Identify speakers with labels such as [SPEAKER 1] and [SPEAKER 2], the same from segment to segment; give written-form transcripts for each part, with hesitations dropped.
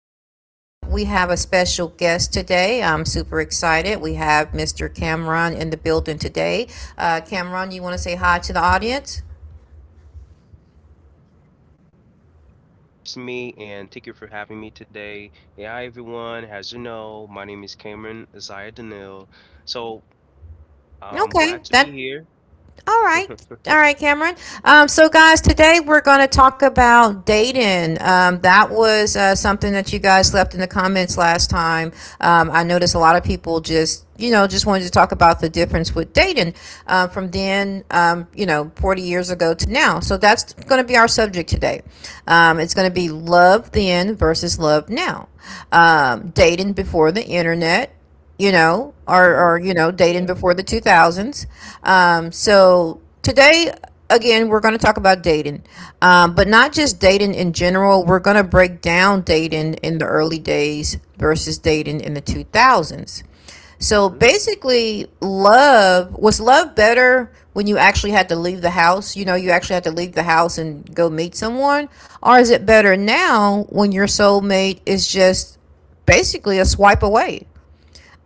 [SPEAKER 1] Podcast. We have a special guest today. I'm super excited. We have Mr. Cameron in the building today. Cameron, you want to say hi to the audience?
[SPEAKER 2] Well, thank you all, King, for introducing me, and thank you for having me today. Hey, hi everyone. As you know, my name is Cameron Isaiah Daniel. So I'm
[SPEAKER 1] Okay,
[SPEAKER 2] glad to
[SPEAKER 1] that
[SPEAKER 2] be here.
[SPEAKER 1] All right. All right, Cameron. So, guys, today we're going to talk about dating. That was something that you guys left in the comments last time. I noticed a lot of people just, you know, just wanted to talk about the difference with dating from then, you know, 40 years ago to now. So, that's going to be our subject today. It's going to be love then versus love now, dating before the internet, you know, or,
[SPEAKER 2] hmm
[SPEAKER 1] or you know, dating
[SPEAKER 2] Yeah.
[SPEAKER 1] before the 2000s. So today, again, we're going to talk about dating, but not just dating in general. We're going to break down dating in the early days versus dating in the 2000s. So
[SPEAKER 2] hmm
[SPEAKER 1] basically, love was love better when you actually had to leave the house? You know, you actually had to leave the house and go meet someone? Or is it better now when your soulmate is just basically a swipe away?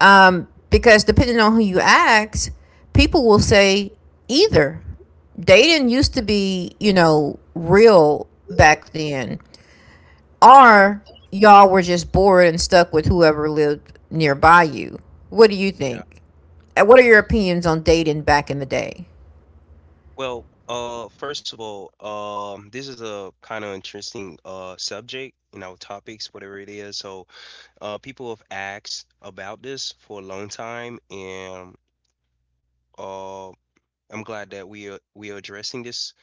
[SPEAKER 1] Because depending on who you ask, people will say either. Dating used to be, you know, real back then, or y'all were just bored and stuck with whoever lived nearby you. What do you
[SPEAKER 2] Yeah.
[SPEAKER 1] think? And what are your opinions on dating back in the day?
[SPEAKER 2] Well, first of all, this is a kind of interesting subject, you know, topics, whatever it is. So, people have asked about this for a long time, and uh, I'm glad that we are addressing this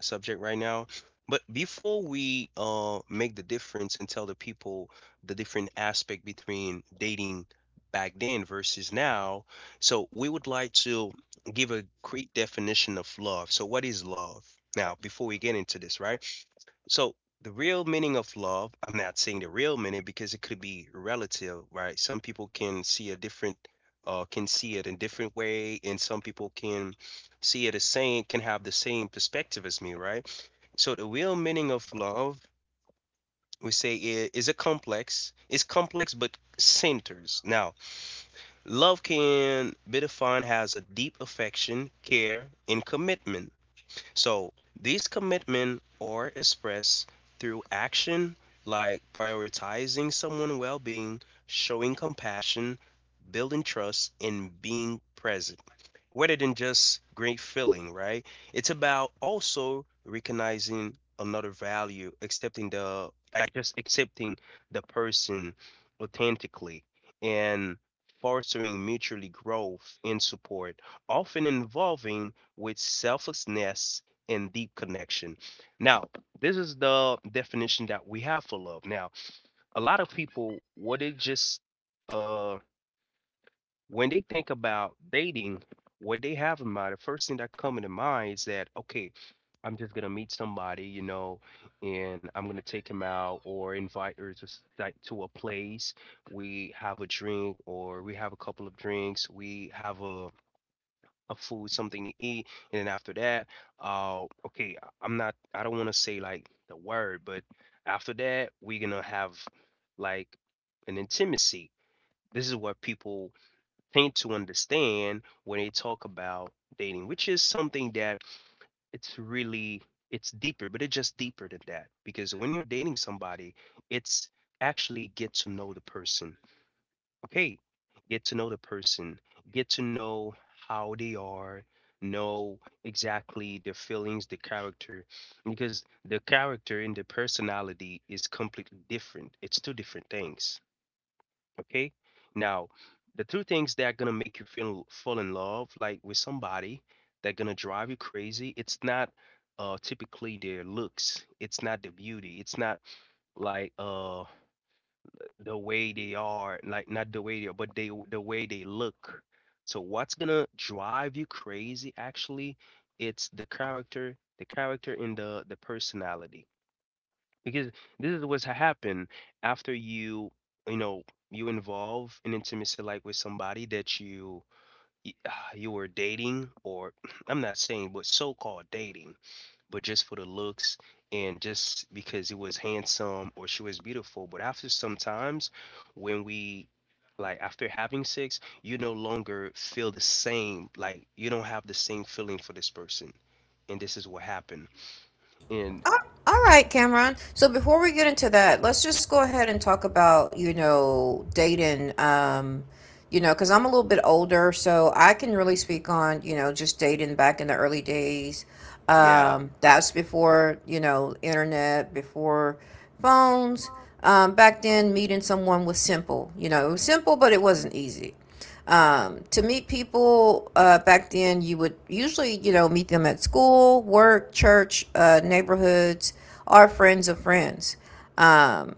[SPEAKER 2] subject right now. But before we make the difference and tell the people the different aspect between dating back then versus now, so we would like to give a quick definition of love. So, what is love? Now, before we get into this, right? So the real meaning of love, I'm not saying the real meaning because it could be relative, right? Some people can see a different, can see it in different way, and some people can see it as same can have the same perspective as me, right? So the real meaning of love, we say, is a complex. It's complex but centers. Now, love can be defined as a deep affection, care, and commitment. So these commitment are expressed through action like prioritizing someone's well-being, showing compassion, building trust, and being present. Rather than just great feeling, right? It's about also recognizing another value, accepting the like just accepting the person authentically and fostering mutually growth and support, often involving with selflessness and deep connection. Now, this is the definition that we have for love. Now, a lot of people, what they just, uh, when they think about dating, what they have in mind, the first thing that comes to mind is that, okay, I'm just gonna meet somebody, you know, and I'm gonna take him out or invite her to like to a place. We have a drink or we have a couple of drinks. We have a of food, something to eat, and then after that, okay, I'm not, I don't want to say like the word, but after that, we're gonna have like an intimacy. This is what people tend to understand when they talk about dating, which is something that it's really it's deeper, but it's just deeper than that because when you're dating somebody, it's actually get to know the person. Okay, get to know the person, get to know how they are, know exactly their feelings, the character, because the character and the personality is completely different. It's two different things. Okay, now the two things that are gonna make you feel fall in love, like with somebody, that gonna drive you crazy. It's not typically their looks. It's not the beauty. It's not like the way they are, like not the way they are, but they the way they look. So what's gonna drive you crazy actually, it's the character and the personality. Because this is what's happened after you, you know, you involve an intimacy like with somebody that you you were dating or I'm not saying but so-called dating but just for the looks and just because it was handsome or she was beautiful. But after some times, when we like after having sex, you no longer feel the same. Like you don't have the same feeling for this person, and this is what happened. And
[SPEAKER 1] Uh, All right, Cameron. So before we get into that, let's just go ahead and talk about, you know, dating. You know, because I'm a little bit older, so I can really speak on, you know, just dating back in the early days.
[SPEAKER 2] yeah,
[SPEAKER 1] That's before, you know, internet, before phones. Back then, meeting someone was simple. You know, it was simple, but it wasn't easy. To meet people back then, you would usually, you know, meet them at school, work, church, neighborhoods, or friends of friends. Um,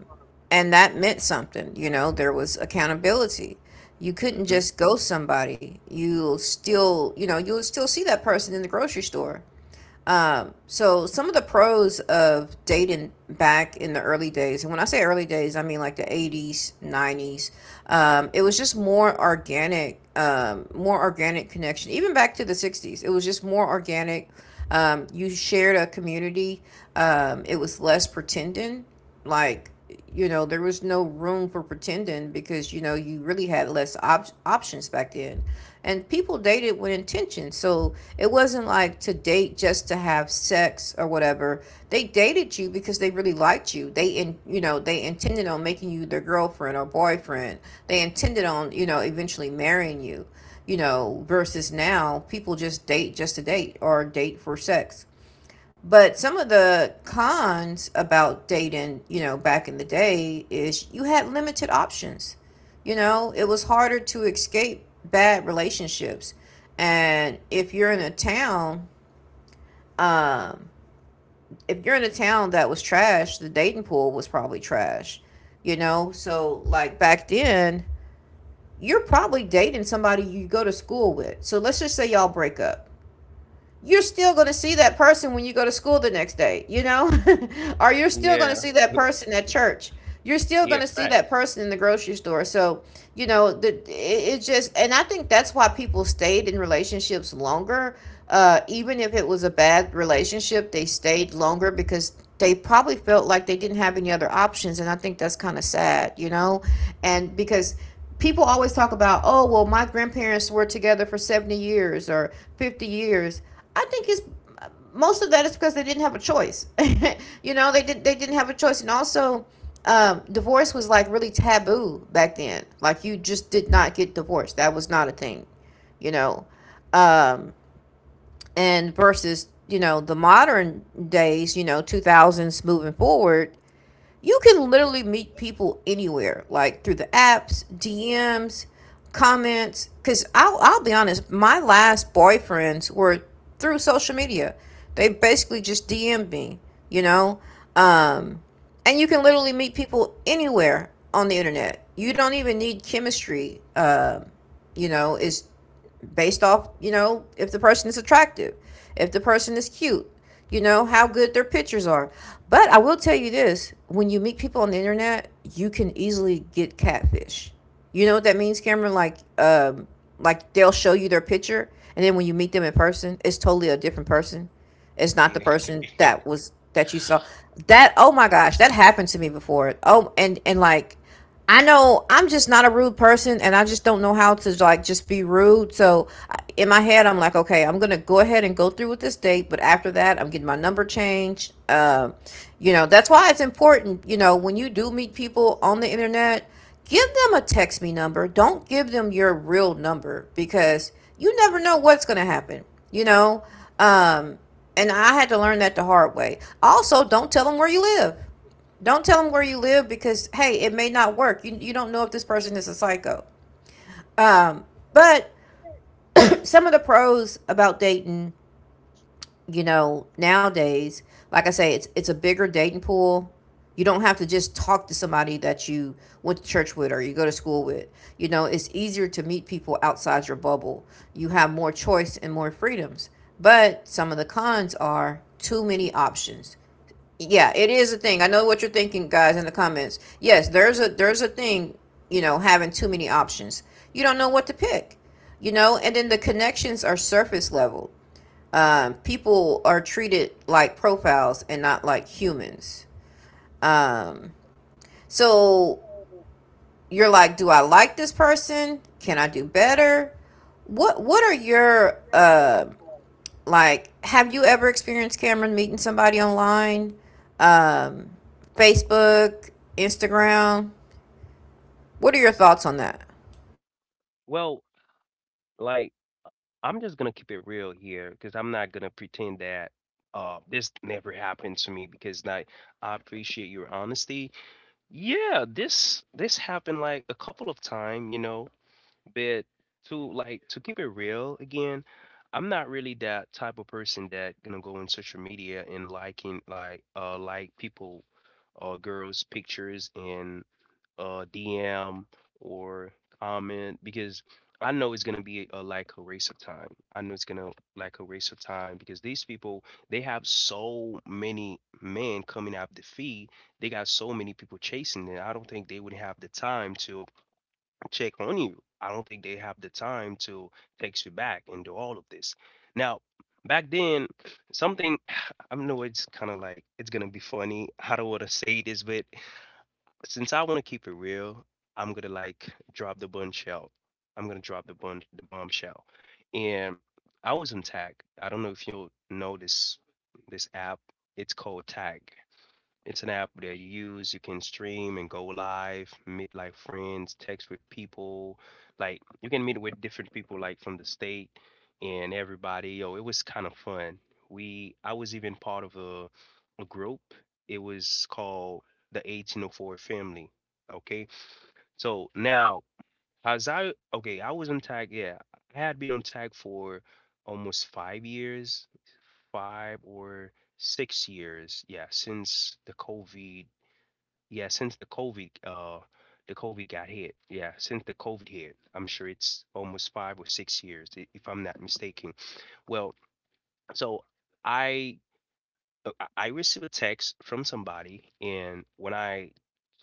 [SPEAKER 1] and that meant something. You know, there was accountability. You couldn't
[SPEAKER 2] hmm
[SPEAKER 1] just ghost somebody. You'll still, you know, you'll still see that person in the grocery store. So some of the pros of dating back in the early days, and when I say early days, I mean like the 80s, 90s, it was just more organic connection. Even back to the 60s, it was just more organic. You shared a community. It was less pretending. Like, you know, there was no room for pretending because you know you really had less options back then, and people dated with intention, so it wasn't like to date just to have sex or whatever. They dated you because they really liked you. They in You know, they intended on making you their girlfriend or boyfriend. They intended on, you know, eventually marrying you, you know, versus now people just date just to date or date for sex. But some of the cons about dating, you know, back in the day, is you had limited options. You know, it was harder to escape bad relationships. And if you're in a town, um, if you're in a town that was trash, the dating pool was probably trash. You know, so like back then, you're probably dating somebody you go to school with. So let's just say y'all break up, you're still going to see that person when you go to school the next day, you know? Or you're still going
[SPEAKER 2] yeah,
[SPEAKER 1] to see that person at church. You're still
[SPEAKER 2] yeah,
[SPEAKER 1] going to see that
[SPEAKER 2] facts.
[SPEAKER 1] person in the grocery store. So, you know, the it, it just and I think that's why people stayed in relationships longer. Even if it was a bad relationship, they stayed longer because they probably felt like they didn't have any other options, and I think that's kind of sad, you know? And because people always talk about, oh, well, my grandparents were together for 70 years or 50 years. I think it's Most of that is because they didn't have a choice. You know, they didn't have a choice. And also, divorce was like really taboo back then. Like, you just did not get divorced. That was not a thing, you know. Um, and versus, you know, the modern days, you know, 2000s moving forward, you can literally meet people anywhere, like through the apps, DMs, comments. Because I'll be honest, my last boyfriends were through social media. They basically just DM'd me, you know? Um, and you can literally meet people anywhere on the internet. You don't even need chemistry. You know, it's based off, you know, if the person is attractive, if the person is cute, you know, how good their pictures are. But I will tell you this: when you meet people on the internet, you can easily get catfish. You know what that means, Cameron? Like they'll show you their picture, and then when you meet them in person, it's totally a different person. It's not the
[SPEAKER 2] Yeah.
[SPEAKER 1] person that was that you saw. That, oh my gosh, that happened to me before. Oh, and like, I know I'm just not a rude person, and I just don't know how to like just be rude. So in my head I'm like, okay, I'm going to go ahead and go through with this date, but after that I'm getting my number changed. You know, that's why it's important, you know, when you do meet people on the internet, give them a text me number. Don't give them your real number because you never know what's going to happen, you know? Um and I had to learn that the hard way. Also, don't tell them where you live. Don't tell them where you live, because hey, it may not work. You don't know if this person is a psycho. But some of the pros about dating, you know, nowadays, like I say, it's a bigger dating pool. You don't have to just talk to somebody that you went to church with or you go to school with. You know, it's easier to meet people outside your bubble. You have more choice and more freedoms. But some of the cons are too many options. Yeah, it is a thing. I know what you're thinking, guys, in the comments. Yes, there's a thing, you know, having too many options. You don't know what to pick, you know, and then the connections are surface level. People are treated like profiles and not like humans. Um, so you're like, do I like this person? Can I do better? What are your like, have you ever experienced Cameron meeting somebody online? Um, Facebook, Instagram? What are your thoughts on that?
[SPEAKER 2] Well, like I'm just gonna keep it real here because I'm not gonna pretend that this never happened to me because like I appreciate your honesty. Yeah, this happened like a couple of time, you know, but to like to keep it real again, I'm not really that type of person that gonna go on social media and liking like people or girls' pictures and DM or comment because I know it's gonna be a like a waste of time. I know it's gonna like a waste of time because these people they have so many men coming up the feed. They got so many people chasing them. I don't think they would have the time to check on you. I don't think they have the time to text you back and do all of this. Now, back then, something I know it's kind of like it's gonna be funny. I don't want to say this, but since I want to keep it real, I'm gonna like drop the bombshell. I'm gonna drop the bombshell. And I was on Tag. I don't know if you'll know this this app. It's called Tag. It's an app that you use. You can stream and go live, meet like friends, text with people. Like you can meet with different people like from the state and everybody. Yo, it was kind of fun. We I was even part of a group. It was called the 1804 Family. Okay. So now as I okay, I was on tag, yeah. I had been on tag for almost 5 years, 5 or 6 years, yeah, since the COVID, yeah, since the COVID got hit. Yeah, since the COVID hit, I'm sure it's almost 5 or 6 years, if I'm not mistaken. Well, so I I received a text from somebody, and when I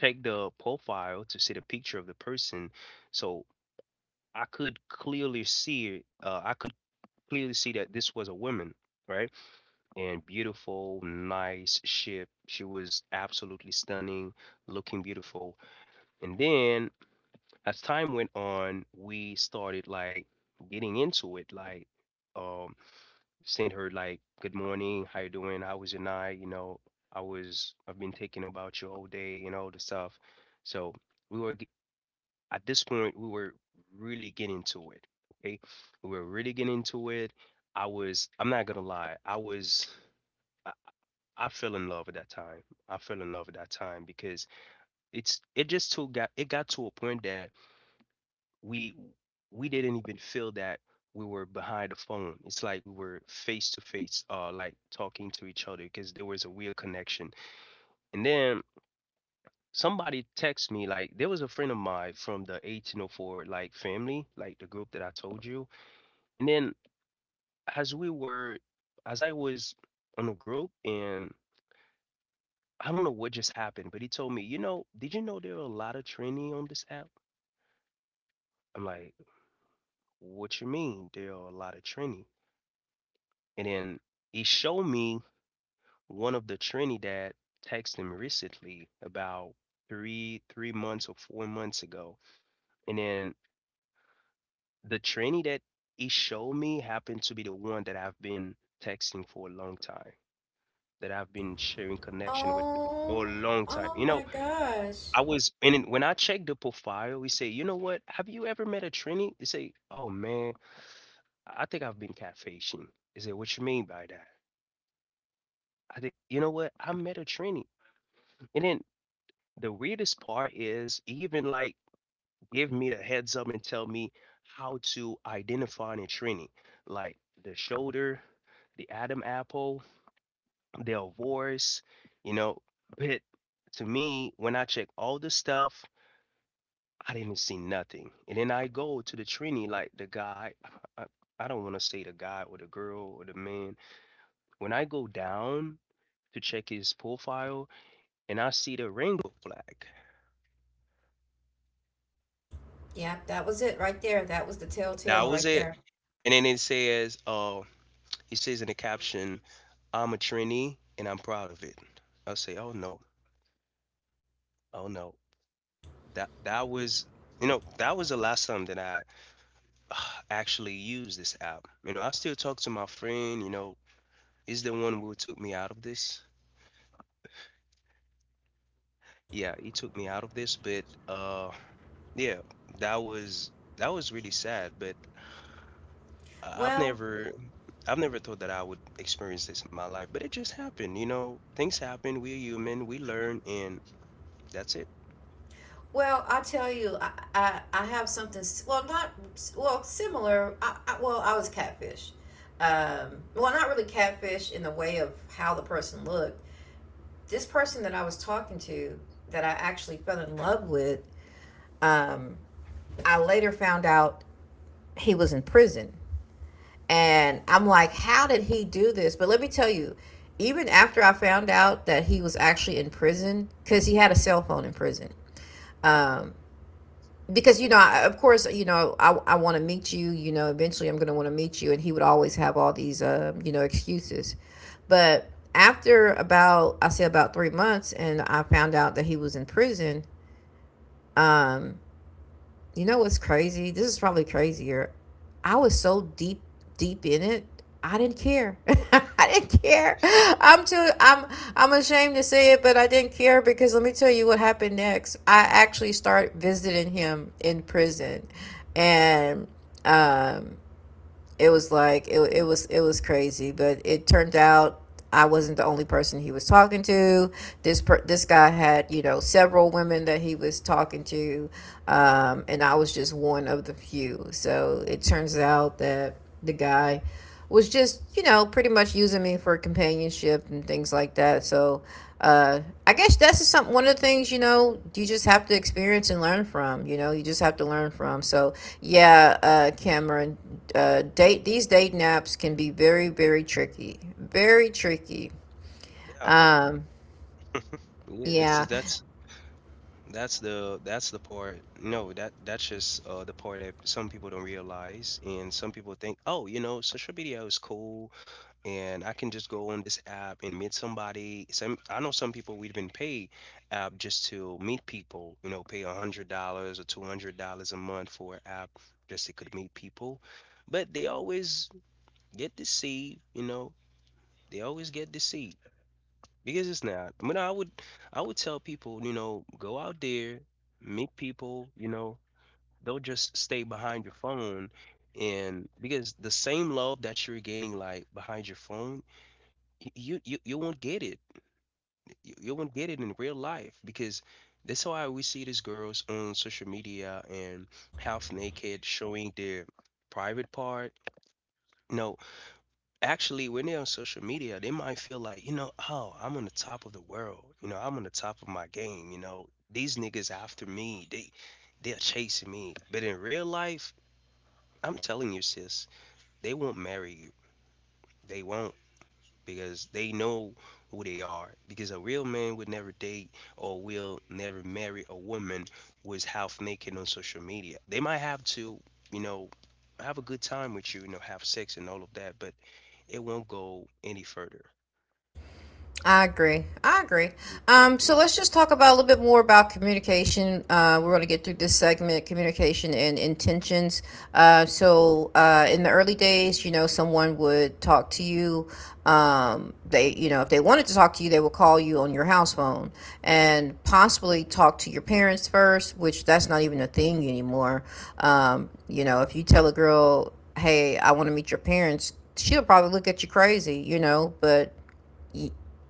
[SPEAKER 2] checked the profile to see the picture of the person, so I could clearly see, I could clearly see that this was a woman, right? And beautiful, nice shape. She was absolutely stunning, looking beautiful. And then as time went on, we started like getting into it, like um sent her like good morning, how you doing? How was your night? You know, I've been thinking about you all day and all the stuff. So we were g- at this point we were really getting to it. Okay. We were really getting into it. I'm not gonna lie, I, I fell in love at that time. I fell in love at that time because it just too got it got to a point that we we didn't even feel that we were behind the phone. It's like we were face to face, like talking to each other because there was a weird connection. And then somebody texted me like there was a friend of mine from the 1804 like family, like the group that I told you. And then as we were, as I was on a group and I don't know what just happened, but he told me, you know, did you know there are a lot of trainee on this app? I'm like, what you mean? There are a lot of trainee. And then he showed me one of the Trinidad texted him recently about three months or 4 months ago, and then the Trinidad he showed me happened to be the one that I've been texting for a long time, that I've been sharing connection with
[SPEAKER 1] Oh,
[SPEAKER 2] for a long time.
[SPEAKER 1] oh
[SPEAKER 2] You know,
[SPEAKER 1] my gosh.
[SPEAKER 2] I was and then when I checked the profile, we say, you know what? Have you ever met a Trini? They say, oh man, I think I've been catfishing. They say, what you mean by that? I think you know what? I met a Trini, and then the weirdest part is even like give me the heads up and tell me how to identify in training, like the shoulder, the Adam apple, their voice, you know. But to me, when I check all the stuff, I didn't see nothing. And then I go to the training, like the guy, I, I don't want to say the guy or the girl or the man. When I go down to check his profile and I see the rainbow flag,
[SPEAKER 1] Yeah, that was it right there. That was the
[SPEAKER 2] that
[SPEAKER 1] telltale
[SPEAKER 2] was
[SPEAKER 1] right
[SPEAKER 2] it.
[SPEAKER 1] there.
[SPEAKER 2] And then it says, he says in the caption, I'm a trainee and I'm proud of it. I'll say, oh no, oh no. That was you know, that was the last time that I uh, actually used this app. You know, I still talk to my friend, you know, he's the one who took me out of this. Yeah, he took me out of this, but yeah, that was that was really sad, but I- I've
[SPEAKER 1] Well,
[SPEAKER 2] never I've never thought that I would experience this in my life, but it just happened, you know. Things happen, we're human, we learn, and that's it.
[SPEAKER 1] well, I tell you, I have something. Well, not s- well, similar. Well, I was catfish. Well, not really catfish in the way of how the person looked, this person that I was talking to that I actually fell in love with, um, I later found out he was in prison. And I'm like, how did he do this? But let me tell you, even after I found out that he was actually in prison, because he had a cell phone in prison. Um, because, you know, of course, you know, I want to meet you, you know, eventually I'm going to want to meet you. And he would always have all these, you know, excuses. But after about, I say about 3 months, and I found out that he was in prison. Um, you know what's crazy? This is probably crazier. I was so deep, deep in it. I didn't care. I didn't care. I'm too. I'm. I'm ashamed to say it, but I didn't care, because let me tell you what happened next. I actually start visiting him in prison, and um, it was like it was crazy, but it turned out I wasn't the only person he was talking to. This guy had, you know, several women that he was talking to. And I was just one of the few. So it turns out that the guy was just, you know, pretty much using me for companionship and things like that. So uh I guess that's just some one of the things, you know, you just have to experience and learn from. You know, you just have to learn from. So yeah, Cameron, date, these date naps can be very, very tricky. Very tricky.
[SPEAKER 2] Yeah.
[SPEAKER 1] um
[SPEAKER 2] Yeah, this
[SPEAKER 1] yeah.
[SPEAKER 2] is that's the part. No, that that's just the part that some people don't realize, and some people think, oh, you know, social media is cool, and I can just go on this app and meet somebody. Some I know some people would even pay app just to meet people. You know, pay $100 or $200 a month for an app just they could meet people, but they always get deceived. You know, they always get deceived. Because it's not. I mean, I would tell people, you know, go out there, meet people, you know, don't just stay behind your phone. And because the same love that you're gaining like behind your phone, you won't get it. You won't get it in real life because that's why we see these girls on social media and half naked showing their private part. No, actually when they're on social media, they might feel like, you know, oh, I'm on the top of the world. You know, I'm on the top of my game. You know, these niggas after me, they're chasing me. But in real life, I'm telling you, sis, they won't marry you. They won't because they know who they are. Because a real man would never date or will never marry a woman who is half naked on social media. They might have to, you know, have a good time with you, have sex and all of that, but it won't go any further.
[SPEAKER 1] I agree. I agree. So
[SPEAKER 2] Mm.
[SPEAKER 1] let's just talk about a little bit more about communication. We're going to get through this segment, communication and intentions. In the early days, you know, someone would talk to you. They, you know, if they wanted to talk to you, they would call you on your house phone and possibly talk to your parents first, which that's not even a thing anymore. You know, if you tell a girl, "Hey, I want to meet your parents," she'll probably look at you crazy, you know, but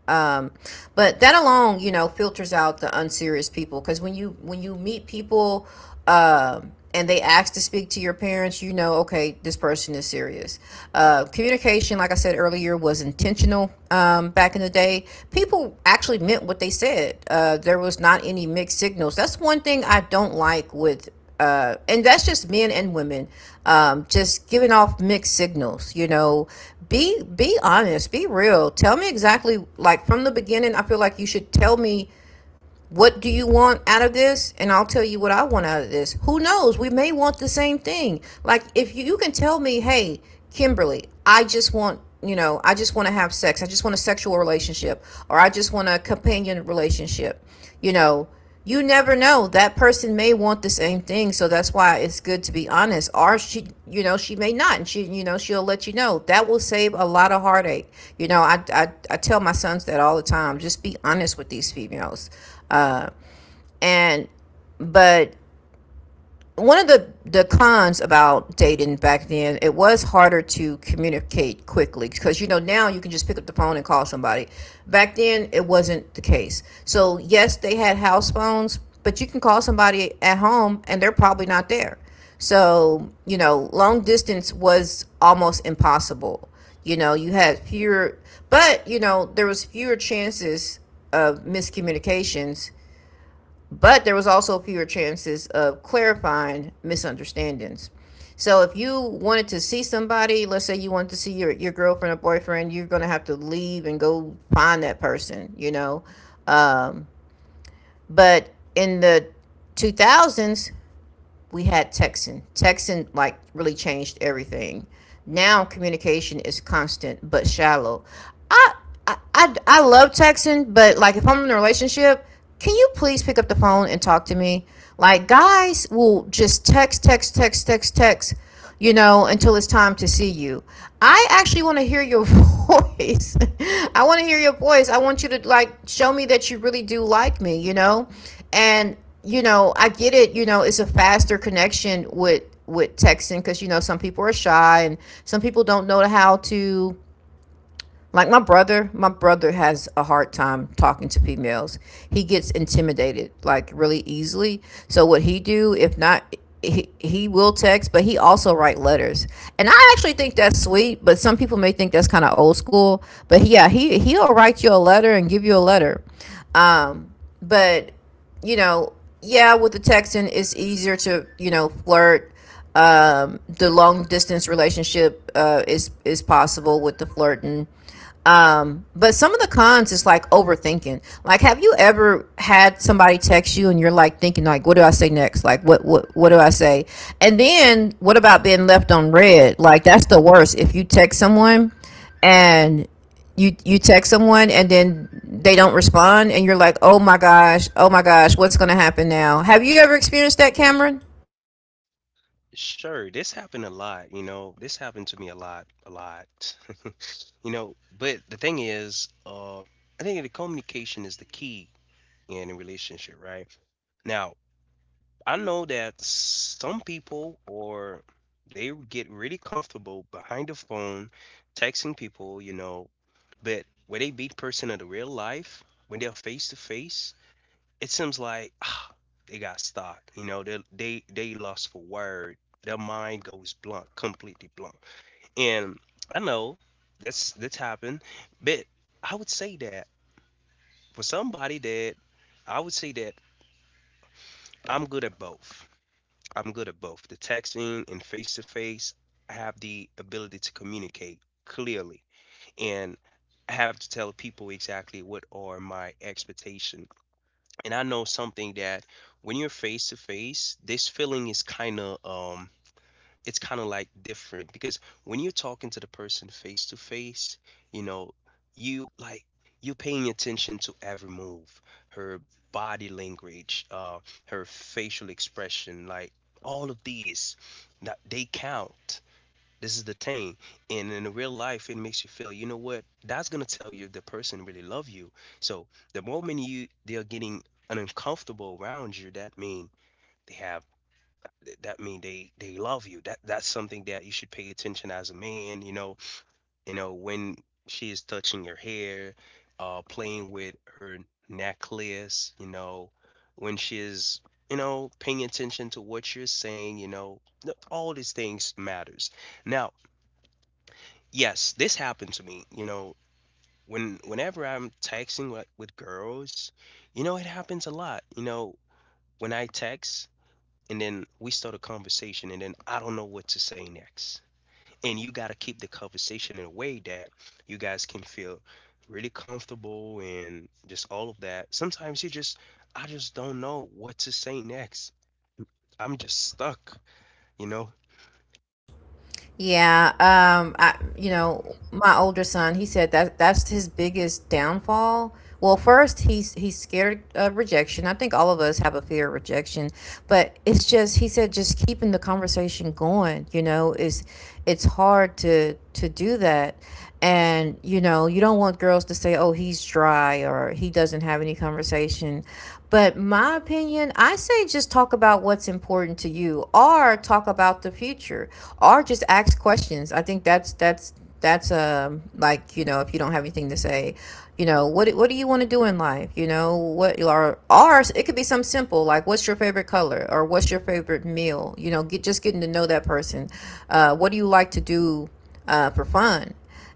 [SPEAKER 1] um but that alone, you know, filters out the unserious people because when you meet people, um, and they ask to speak to your parents, you know, okay, this person is serious. Uh, communication, like I said earlier, was intentional. Um, back in the day, people actually meant what they said. Uh, there was not any mixed signals. That's one thing I don't like with, and that's just men and women, just giving off mixed signals, you know. Be honest, be real, tell me exactly. Like from the beginning, I feel like you should tell me, what do you want out of this? And I'll tell you what I want out of this. Who knows, we may want the same thing. Like if you, you can tell me, hey, Kimberly, I just want, I just want to have sex, I just want a sexual relationship, or I just want a companion relationship, you know. You never know, that person may want the same thing. So that's why it's good to be honest, or she, you know, she may not, and she, you know, she'll let you know. That will save a lot of heartache, you know. I tell my sons that all the time, just be honest with these females. Uh and but one of the cons about dating back then, it was harder to communicate quickly, because, you know, now you can just pick up the phone and call somebody. Back then it wasn't the case. So yes, they had house phones, but you can call somebody at home and they're probably not there. So, you know, long distance was almost impossible. you know you had fewer you know, there was fewer chances of miscommunications, but there was also fewer chances of clarifying misunderstandings. So if you wanted to see somebody, let's say you wanted to see your girlfriend or boyfriend, you're going to have to leave and go find that person, you know. Um, but in the 2000s, we had texting. Texting like really changed everything. Now communication is constant but shallow. I I love texting, but like if I'm in a relationship, can you please pick up the phone and talk to me? Like guys will just text, text, text, text, text, you know, until it's time to see you. I actually want to hear your voice. I want to hear your voice. I want you to like show me that you really do like me, you know? And, you know, I get it, you know, it's a faster connection with texting, cuz you know some people are shy and some people don't know how to, like my brother has a hard time talking to females. He gets intimidated like really easily. So what he do, if not, he will text, but he also write letters. And I actually think that's sweet, but some people may think that's kind of old school. But yeah, he'll write you a letter and give you a letter. Um, but you know, yeah, with the texting it's easier to, you know, flirt, the long distance relationship, is possible with the flirting. But some of the cons is like overthinking. Like, have you ever had somebody text you and you're like thinking, like, what do I say next? Like, what what do I say? And then what about being left on red? Like, that's the worst. If you text someone and you text someone and then they don't respond and you're like, oh my gosh, what's gonna happen now? Have you ever experienced that, Cameron?
[SPEAKER 2] Sure, this happened a lot, you know. This happened to me a lot, a lot. You know, but the thing is, I think the communication is the key in a relationship, right? Now, I know that some people or they get really comfortable behind the phone texting people, you know, but where they meet person in the real life, when they're face to face, it seems like ah, they got stuck. You know, they lost for word. Their mind goes blank, completely blank. And I know that's happened, but I would say that for somebody that I would say that I'm good at both. I'm good at both. The texting and face to face, I have the ability to communicate clearly and I have to tell people exactly what are my expectations and I know something that when you're face to face, this feeling is kind of it's kind of like different because when you're talking to the person face to face, you know, you like you're paying attention to every move, her body language, her facial expression, like all of these that they count. This is the thing. And in real life, it makes you feel, you know what? That's going to tell you if the person really love you. So the moment you they're getting uncomfortable around you, that mean they have they love you. That's something that you should pay attention as a man, you know. You know, when she is touching your hair, playing with her necklace, you know, when she is you know, paying attention to what you're saying, you know, all these things matters. Now, yes, this happened to me. You know, when whenever I'm texting with girls, you know, it happens a lot. You know, when I text and then we start a conversation and then I don't know what to say next. And you got to keep the conversation in a way that you guys can feel really comfortable and just all of that. I just don't know what to say next. I'm just stuck, you know?
[SPEAKER 1] Yeah, I, you know, my older son, he said that that's his biggest downfall. Well, first he's scared of rejection. I think all of us have a fear of rejection, but it's just, he said just keeping the conversation going, you know, is, it's hard to do that. And, you know, you don't want girls to say, oh, he's dry or he doesn't have any conversation. But my opinion, I say just talk about what's important to you or talk about the future or just ask questions. I think that's like, you know, if you don't have anything to say, you know, what do you want to do in life, you know, what, or it could be something simple like what's your favorite color or what's your favorite meal, you know, get just getting to know that person. Uh, what do you like to do, uh, for fun?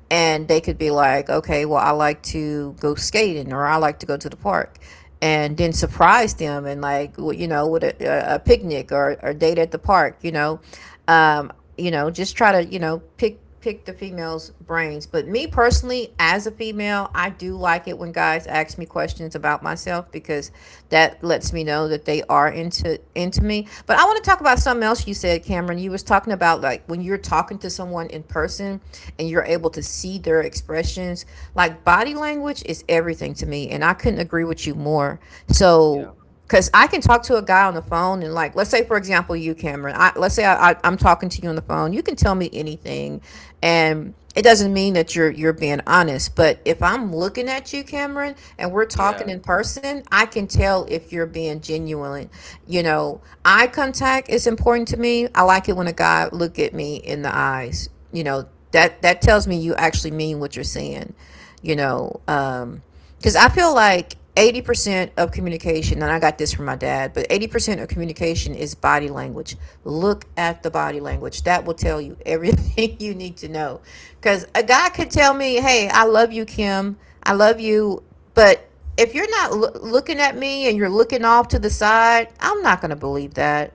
[SPEAKER 1] And they could be like, okay, well, I like to go skating or I like to go to the park. And then surprise them and like you know with a picnic or date at the park, you know. um, just try to, you know, pick the female's brains. But me personally, as a female, I do like it when guys ask me questions about myself, because that lets me know that they are into me. But I want to talk about something else you said, Cameron. You was talking about, like, when you're talking to someone in person and you're
[SPEAKER 2] Mhm.
[SPEAKER 1] able to see their expressions, like body language is everything to me. And I couldn't agree with you more. So,
[SPEAKER 2] Yeah.
[SPEAKER 1] because I can talk to a guy on the phone and, like, let's say, for example, you, Cameron, let's say I'm talking to you on the phone, you can tell me
[SPEAKER 2] Mhm.
[SPEAKER 1] anything. And it doesn't mean that you're being honest. But if I'm looking at you, Cameron, and we're
[SPEAKER 2] Yeah.
[SPEAKER 1] talking in person, I can tell if you're being genuine. You know, eye contact is important to me. I like it when a guy look at me in the eyes. You know, that tells me you actually mean what you're saying, you know. Because I feel like 80% of communication, and I got this from my dad, but 80% of communication is body language. Look at the body language. That will tell you everything you need to know. Because a guy could tell me, hey, I love you, Kim. I love you. But if you're not looking at me and you're looking off to the side, I'm not going to believe that.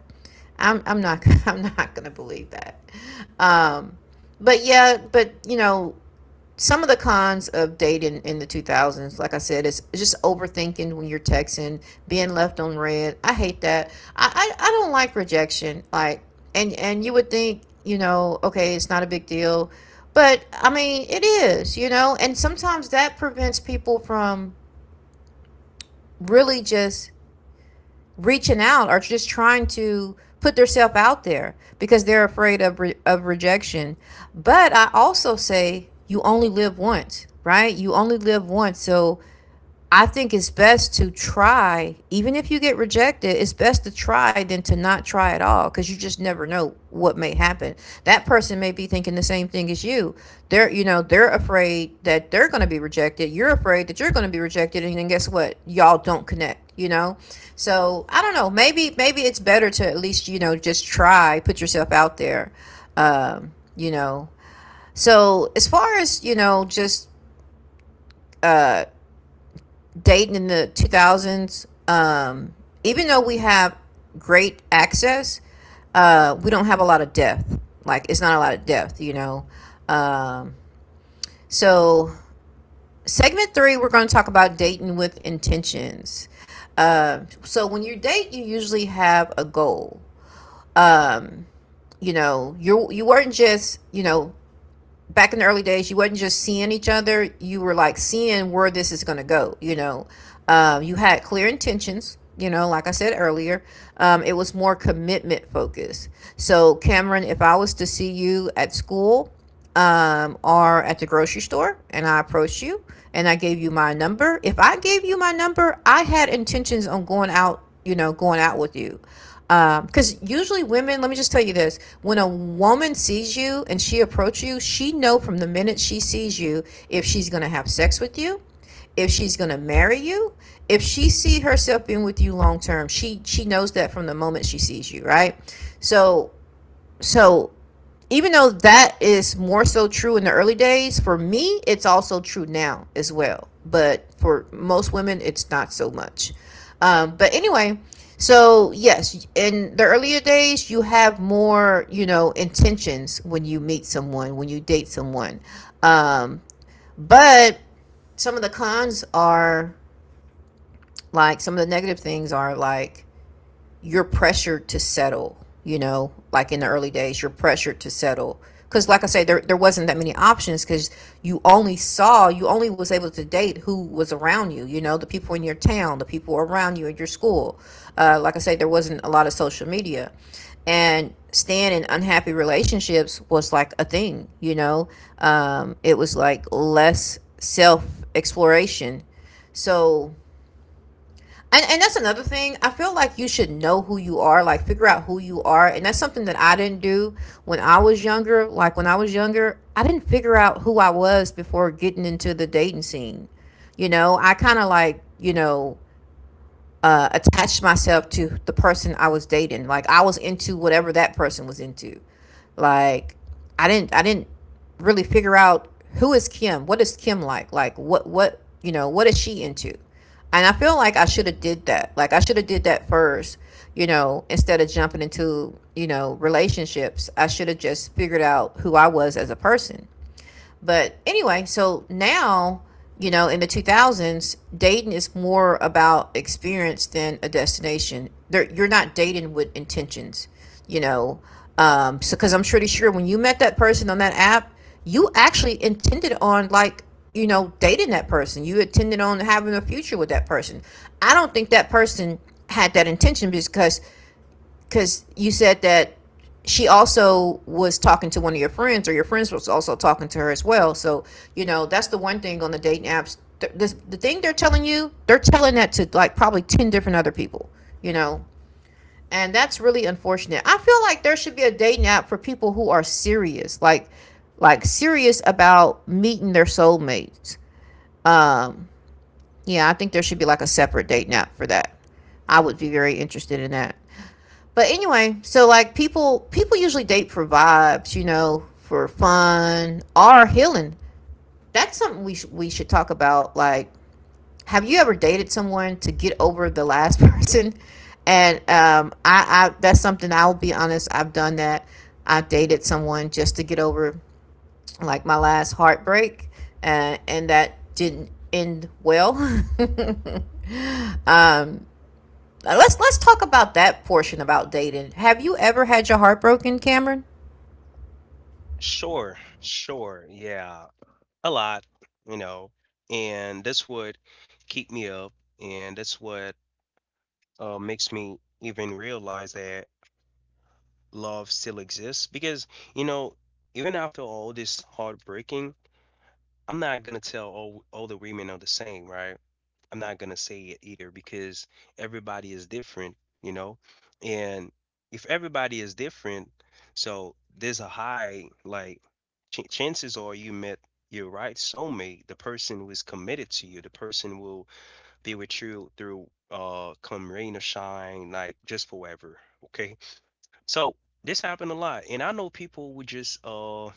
[SPEAKER 1] I'm not I'm not gonna believe that. Um, but you know, some of the cons of dating in the 2000s, like I said, is just overthinking when you're texting, being left on red, I hate that. I don't like rejection, like, and you would think, you know, okay, it's not a big deal, but I mean, it is, you know. And sometimes that prevents people from really just reaching out or just trying to put themselves out there because they're afraid of, rejection. But I also say you only live once, right? You only live once. So I think it's best to try. Even if you get rejected, it's best to try than to not try at all, because you just never know what may happen. That person may be thinking the same thing as you. They're, you know, they're afraid that they're going to be rejected. You're afraid that you're going to be rejected. And then guess what? Y'all don't connect, you know? So I don't know. Maybe it's better to at least, you know, just try, put yourself out there, you know? So as far as, you know, just dating in the 2000s, even though we have great access, we don't have a lot of depth. Like, it's not a lot of depth, you know? Um, so, segment 3, we're going to talk about dating with intentions. When you date, you usually have a goal. You know, you weren't just, you know, back in the early days, you wasn't just seeing each other, you were like seeing where this is going to go, you know. You had clear intentions, you know, like I said earlier. It was more commitment focused. So, Cameron, if I was to see you at school or at the grocery store and I approached you and I gave you my number, if I gave you my number, I had intentions on going out, you know, going out with you because usually women, let me just tell you this, when a woman sees you and she approaches you, she know from the minute she sees you, if she's going to have sex with you, if she's going to marry you, if she see herself in with you long term, she knows that from the moment she sees you, right? So so even though that is more so true in the early days, for me, it's also true now as well. But for most women, it's not so much. But anyway, so yes, in the earlier days, you have more, you know, intentions when you meet someone, when you date someone. Um, but some of the cons are like, some of the negative things are like you're pressured to settle. You know, like in the early days, you're pressured to settle. Because, like I say, there wasn't that many options because you only saw, you only was able to date who was around you, you know, the people in your town, the people around you at your school. Like I say, there wasn't a lot of social media. And staying in unhappy relationships was like a thing, you know, it was like less self exploration. So, and that's another thing. I feel like you should know who you are, like figure out who you are, and that's something that I didn't do when I was younger. Like when I was younger, I didn't figure out who I was before getting into the dating scene. You know, I kind of like, you know, attached myself to the person I was dating. Like I was into whatever that person was into. Like, I didn't really figure out who is Kim. What is Kim like? Like what you know what is she into? And I feel like I should have did that. Like I should have did that first. You know, instead of jumping into you know relationships, I should have just figured out who I was as a person. But anyway, so now, you know, in the 2000s, dating is more about experience than a destination. There, you're not dating with intentions, you know. So, because I'm pretty sure when you met that person on that app, you actually intended on, like, you know, dating that person. You intended on having a future with that person. I don't think that person had that intention because you said that she also was talking to one of your friends, or your friends was also talking to her as well. So you know, that's the one thing on the dating apps. The thing they're telling you, they're telling that to, like, probably 10 different other people, you know. And that's really unfortunate. I feel like there should be a dating app for people who are serious, like serious about meeting their soulmates. um yeah, I think there should be like a separate dating app for that. I would be very interested in that. But anyway, so like people usually date for vibes, you know, for fun or healing. That's something we should talk about. Like, have you ever dated someone to get over the last person? And I, that's something, I'll be honest, I've done that. I dated someone just to get over like my last heartbreak, and that didn't end well. Let's talk about that portion about dating. Have you ever had your heart broken, Cameron?
[SPEAKER 2] Sure, sure, yeah. A lot, you know, and that's what keep me up, and that's what makes me even realize that love still exists. Because you know, even after all this heartbreaking, I'm not gonna tell all the women are the same, right? I'm not gonna say it either because everybody is different, you know? And if everybody is different, so there's a high, like, ch chances are you met your right soulmate, the person who is committed to you, the person will be with you through come rain or shine, like just forever. Okay. So this happened a lot. And I know people would just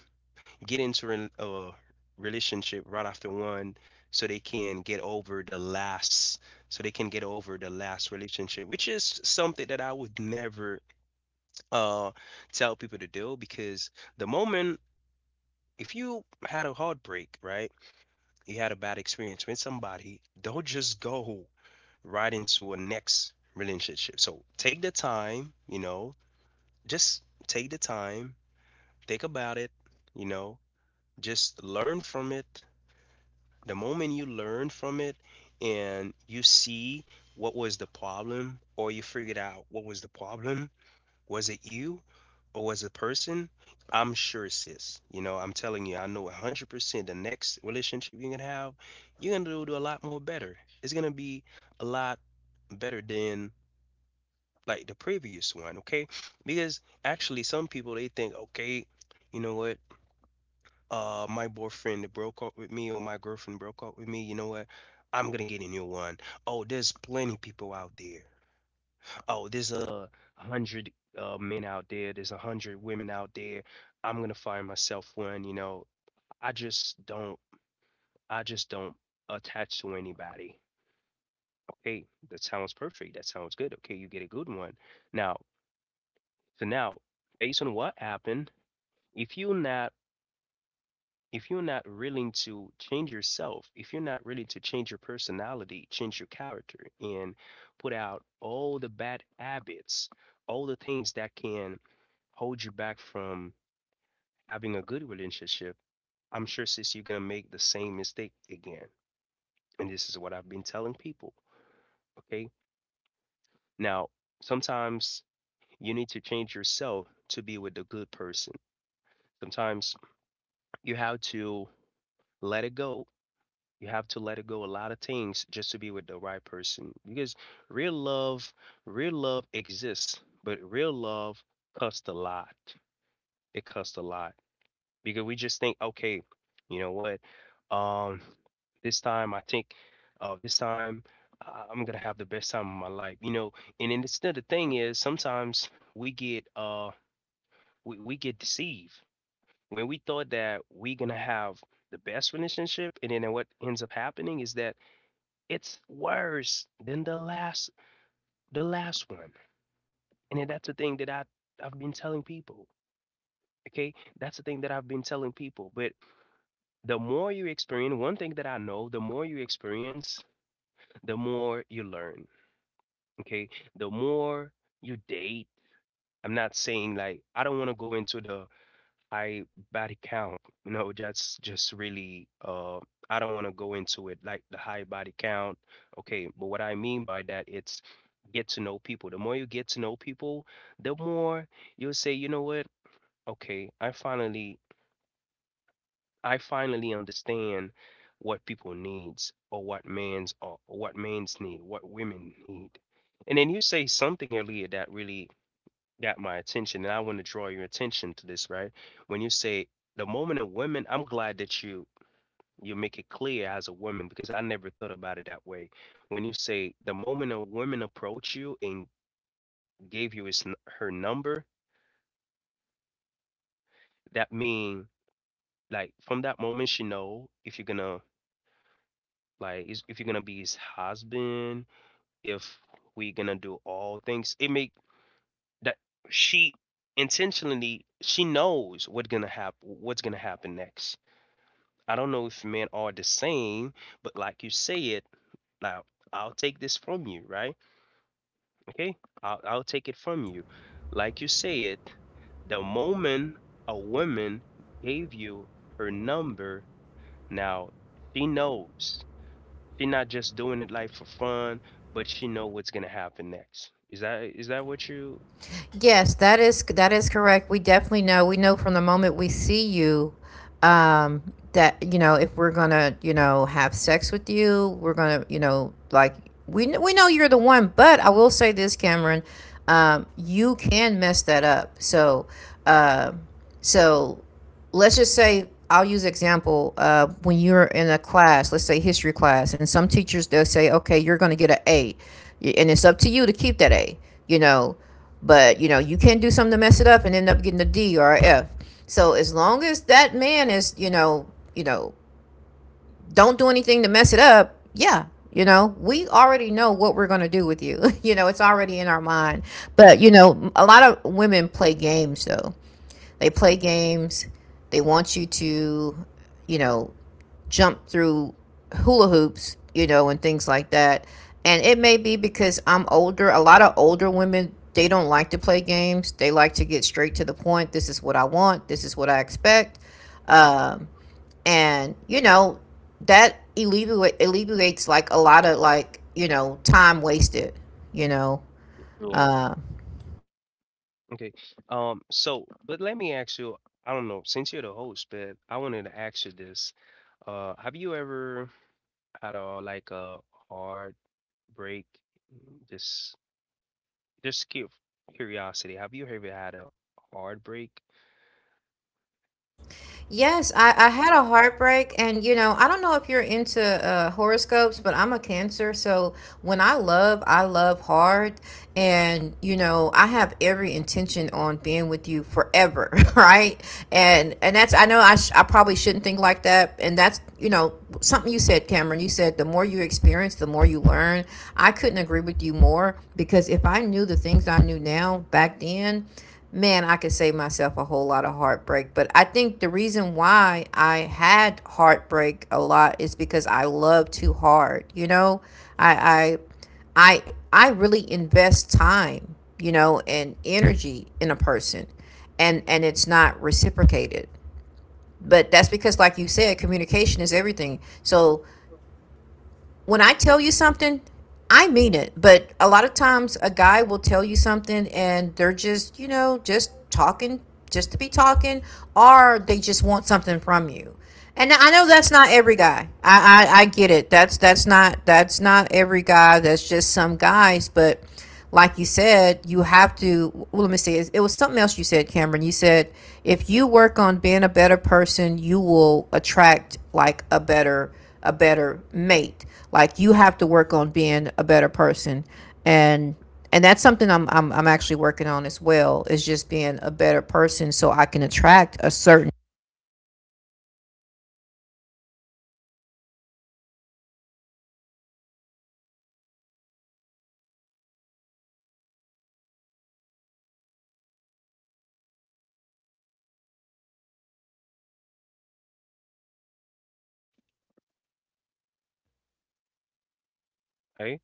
[SPEAKER 2] get into a relationship right after one so they can get over the last so they can get over the last relationship which is something that I would never uh tell people to do because the moment if you had a heartbreak right you had a bad experience with somebody don't just go right into a next relationship so take the time you know just take the time think about it you know just learn from it the moment you learn from it and you see what was the problem or you figured out what was the problem was it you or was it a person. I'm sure, sis, you know, I'm telling you, I know 100% the next relationship you're gonna have, you're gonna do a lot more better. It's gonna be a lot better than like the previous one. Okay, because actually some people they think okay, you know what, my boyfriend that broke up with me or my girlfriend broke up with me, you know what, I'm gonna get a new one. Oh, there's plenty people out there, oh there's a hundred men out there, there's a hundred women out there, I'm gonna find myself one, you know. I just don't i just don't attach to anybody. Okay, that sounds perfect, that sounds good, okay you get a good one. Now, so now based on what happened, if you're not if you're not willing to change yourself, if you're not willing to change your personality, change your character, and put out all the bad habits, all the things that can hold you back from having a good relationship, I'm sure, sis, you're gonna make the same mistake again. And this is what I've been telling people. Okay. Now, sometimes you need to change yourself to be with a good person. Sometimes you have to let it go. You have to let it go a lot of things just to be with the right person because real love, real love exists, but real love costs a lot. It costs a lot because we just think, okay, you know what? Um, this time I think, this time I'm gonna have the best time of my life, you know. And then the thing is, sometimes we get we get deceived when we thought that we're gonna have the best relationship, and then what ends up happening is that it's worse than the last one. And then that's the thing that I've been telling people. Okay? That's the thing that I've been telling people. But the more you experience, one thing that I know, the more you experience, the more you learn. Okay? The more you date, I'm not saying like I don't want to go into the I body count. You know, that's just really I don't want to go into it like the high body count. Okay, but what I mean by that it's get to know people. The more you get to know people, the more you'll say, you know what? Okay, I finally understand what people needs or what man's or what men's need, what women need. And then you say something earlier that really got my attention and I want to draw your attention to this, right? When you say the moment of women, I'm glad that you make it clear as a woman because I never thought about it that way. When you say the moment a woman approached you and gave you her number, that mean like from that moment she know if you're gonna if you're gonna be his husband, if we gonna do all things, it make that she intentionally she knows what's gonna happen next. I don't know if men are the same, but like you say it, now I'll take this from you, right? Okay? I'll take it from you. Like you say it, the moment a woman gave you her number, now she knows. She not just doing it like for fun, but she know what's gonna happen next. Is that what you?
[SPEAKER 1] Yes, that is correct. We definitely know. We know from the moment we see you, that you know, if we're gonna, you know, have sex with you, we're gonna, you know, like, we know you're the one. But I will say this, Cameron, you can mess that up. Uh, so let's just say, I'll use example, when you're in a class, let's say history class, and some teachers they'll say, okay, you're going to get an A, and it's up to you to keep that A, you know, but you know you can not do something to mess it up and end up getting a D or a F. So as long as that man is, you know, don't do anything to mess it up, yeah. You know, we already know what we're going to do with you. You know, it's already in our mind. But, you know, a lot of women play games, though, they play games. They want you to, you know, jump through hula hoops, you know, and things like that. And it may be because I'm older. A lot of older women, they don't like to play games. They like to get straight to the point. This is what I want. This is what I expect. Um, and, you know, that alleviates like a lot of like, you know, time wasted, you know.
[SPEAKER 2] Yeah.
[SPEAKER 1] Um, Uh,
[SPEAKER 2] Okay. Um, so, but let me ask you. I don't know. Since you're the host, but I wanted to ask you this. Have you ever at all like a heartbreak? Mm, just just cu- curiosity. Have you ever had a heartbreak?
[SPEAKER 1] Yes, I had a heartbreak, and you know, I don't know if you're into horoscopes, but I'm a Cancer, so when I love hard, and you know, I have every intention on being with you forever, right? And that's, I know I sh I probably shouldn't think like that, and that's, you know, something you said, Cameron. You said the more you experience, the more you learn. I couldn't agree with you more because if I knew the things I knew now back then, man, I could save myself a whole lot of heartbreak. But I think the reason why I had heartbreak a lot is because I love too hard. You know, I I really invest time, you know, and energy in a person, and it's not reciprocated. But that's because, like you said, communication is everything. So when I tell you something, I mean it. But a lot of times a guy will tell you something and they're just, you know, just talking, just to be talking, or they just want something from you. And I know that's not every guy. I get it. That's not every guy. That's just some guys, but like you said, you have to. Well, let me see. It was something else you said, Cameron. You said if you work on being a better person, you will attract like a better, a better mate. Like you have to work on being a better person, and and that's something I'm actually working on as well. Is just being a better person so I can attract a certain.
[SPEAKER 2] Hey,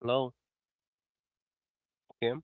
[SPEAKER 2] hello, Kim.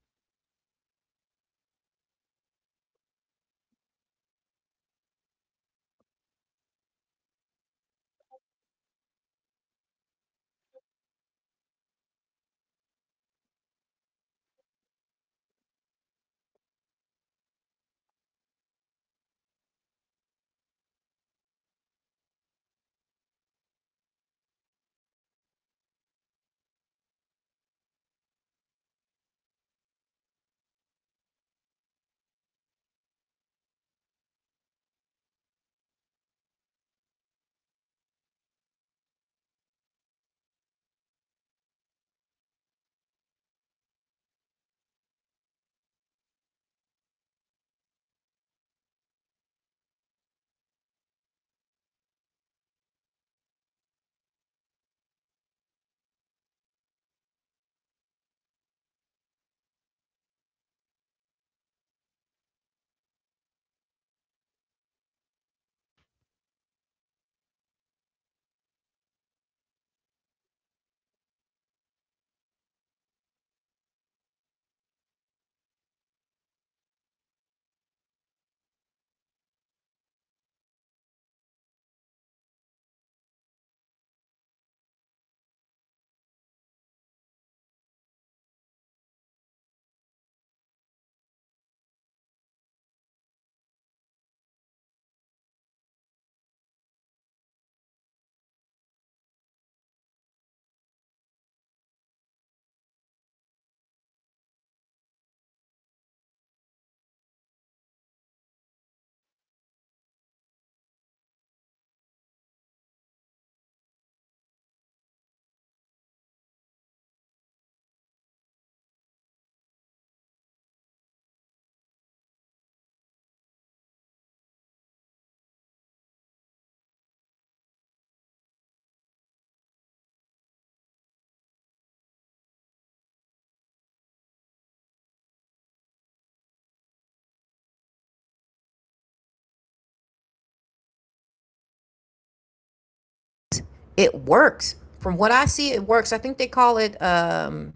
[SPEAKER 1] It works. From what I see, it works. I think they call it.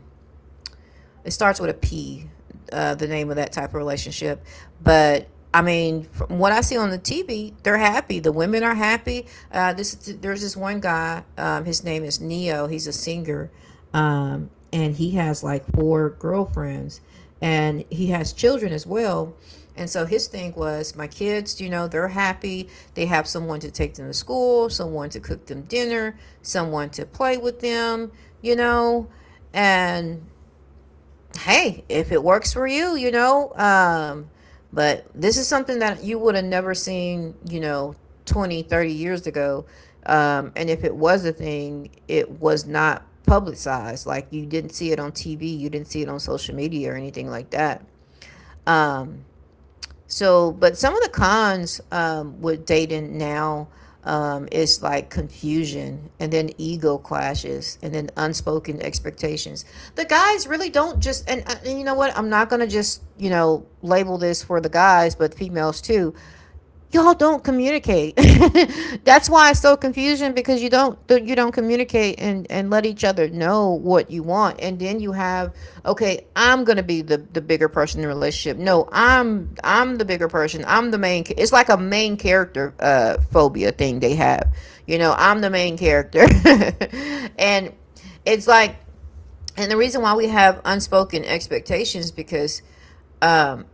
[SPEAKER 1] It starts with a P, the name of that type of relationship. But I mean, from what I see on the TV, they're happy. The women are happy. This There's this one guy. His name is Neo. He's a singer, and he has like four girlfriends, and he has children as well. And so his thing was, my kids, you know, they're happy. They have someone to take them to school, someone to cook them dinner, someone to play with them, you know, and hey, if it works for you, you know. But this is something that you would have never seen, you know, 20, 30 years ago. And if it was a thing, it was not publicized. Like you didn't see it on TV, you didn't see it on social media or anything like that. Um, so, but some of the cons, with dating now, is like confusion and then ego clashes and then unspoken expectations. The guys really don't just, and you know what? I'm not going to just, you know, label this for the guys, but females too, y'all don't communicate. That's why it's so confusing, because you don't, you don't communicate and let each other know what you want. And then you have, okay, I'm gonna be the bigger person in the relationship. No, I'm the bigger person. I'm the main, it's like a main character phobia thing they have. You know, I'm the main character. And it's like, and the reason why we have unspoken expectations, because um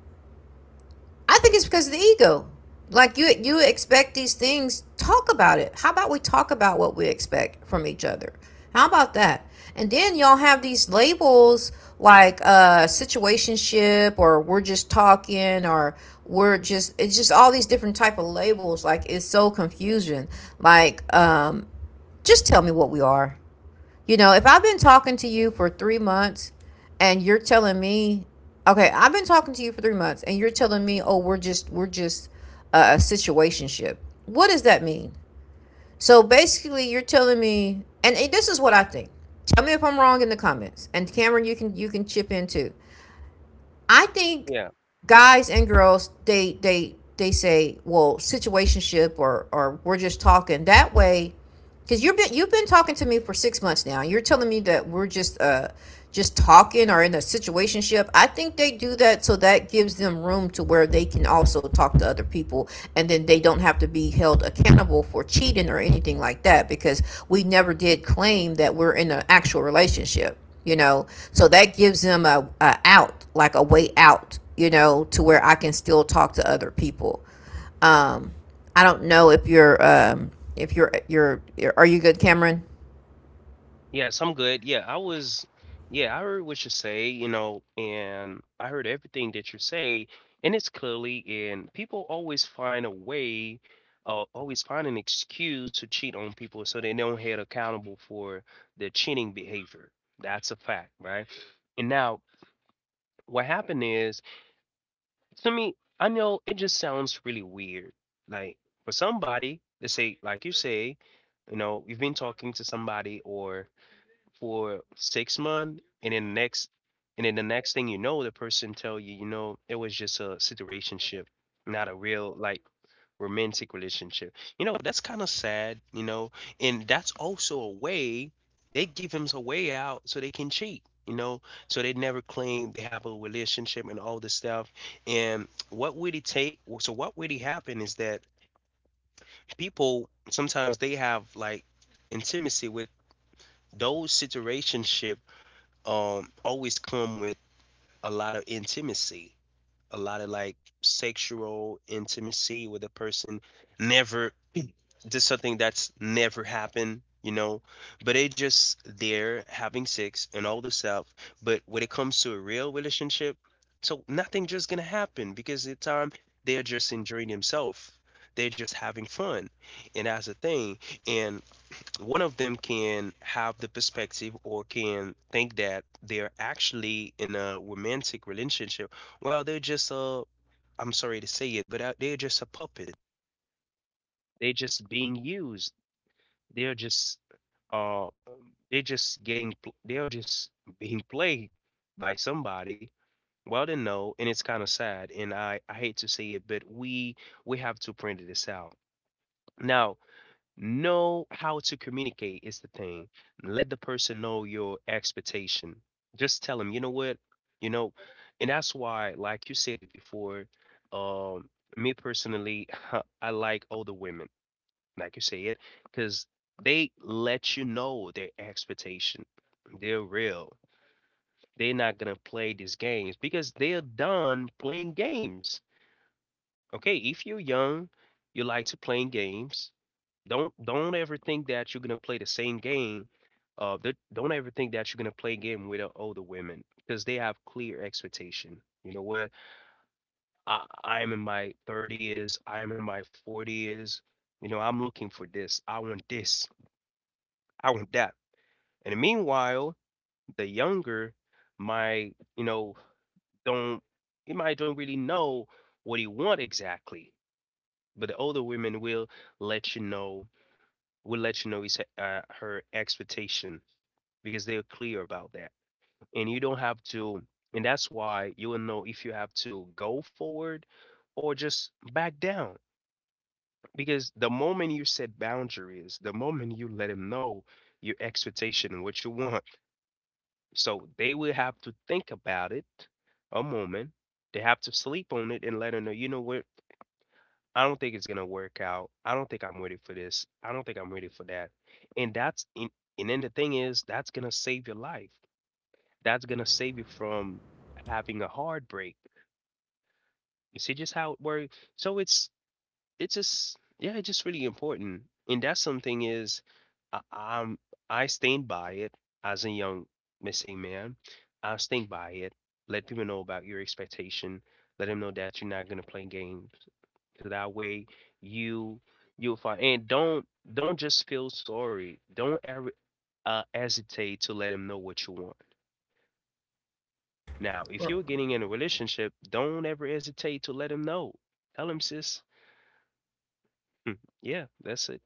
[SPEAKER 1] I think it's because of the ego. Like you expect these things, talk about it. How about we talk about what we expect from each other? How about that? And then y'all have these labels, like situationship, or we're just talking, or we're just, it's just all these different type of labels, like it's so confusing. Like just tell me what we are. You know, if I've been talking to you for 3 months and you're telling me, okay, I've been talking to you for 3 months and you're telling me, oh, we're just a situationship. What does that mean? So basically, you're telling me, and this is what I think. Tell me if I'm wrong in the comments. And Cameron, you can chip in too. I think
[SPEAKER 2] Yeah,
[SPEAKER 1] guys and girls they say, well, situationship or we're just talking, that way. Because you've been talking to me for 6 months now. You're telling me that we're just talking or in a situationship. I think they do that so that gives them room to where they can also talk to other people, and then they don't have to be held accountable for cheating or anything like that. Because we never did claim that we're in an actual relationship, you know. So that gives them a out, like a way out, you know, to where I can still talk to other people. Um, I don't know if you're are you good, Cameron?
[SPEAKER 2] yes, I'm good. Yeah, I was. Yeah, I heard what you say, you know, and I heard everything that you say, and it's clearly, and people always find a way, always find an excuse to cheat on people so they don't hold accountable for their cheating behavior. That's a fact, right? And now, what happened is, to me, I know it just sounds really weird. Like for somebody, let's say, like you say, you know, you've been talking to somebody or for 6 months, and then the next thing you know, the person tell you, you know, it was just a situationship, not a real like romantic relationship. You know, that's kind of sad, you know, and that's also a way they give him a way out so they can cheat, you know, so they never claim they have a relationship and all this stuff. And what would it take? What would it happen is that people sometimes they have like intimacy with those situationship always come with a lot of intimacy, a lot of like sexual intimacy with a person never. This is something that's never happened, you know, but they just there having sex and all this stuff. But when it comes to a real relationship, so nothing just gonna happen because the time they're just enjoying themselves. They're just having fun. And that's the thing. And one of them can have the perspective or can think that they're actually in a romantic relationship. Well, they're just a, I'm sorry to say it, but they're just a puppet. They're just being used. They're just uh they're just being played by somebody. Well, they know, and it's kind of sad, and I hate to say it, but we have to print this out. Now, know how to communicate is the thing. Let the person know your expectation. Just tell them, you know what, you know, and that's why, like you said it before, um, me personally, I like older women like you said, because they let you know their expectation. They're real. They're not gonna play these games because they're done playing games. Okay, if you're young, you like to play games. Don't ever think that you're gonna play the same game. Don't ever think that you're gonna play game with the older women because they have clear expectation. You know what? I am in my 30s. I am in my 40s. You know, I'm looking for this. I want this. I want that. And meanwhile, the younger might, you know, don't, he might don't really know what he want exactly. But the older women will let you know, will let you know his her expectation because they're clear about that. And you don't have to, and that's why you will know if you have to go forward or just back down. Because the moment you set boundaries, the moment you let him know your expectation, what you want. So they will have to think about it a moment. They have to sleep on it and let her know, you know what? I don't think it's gonna work out. I don't think I'm ready for this. I don't think I'm ready for that. And that's and, and then the thing is that's gonna save your life. That's gonna save you from having a heartbreak. You see just how it works. So it's just, yeah, it's just really important, and that's something is I, i'm I stand by it. As a young missing man, I stand by it. Let people know about your expectation. Let them know that you're not going to play games, because that way you, you'll find, and don't just feel sorry. Don't ever hesitate to let them know what you want. Now if you're getting in a relationship, don't ever hesitate to let them know. Tell them, sis. Yeah, that's it.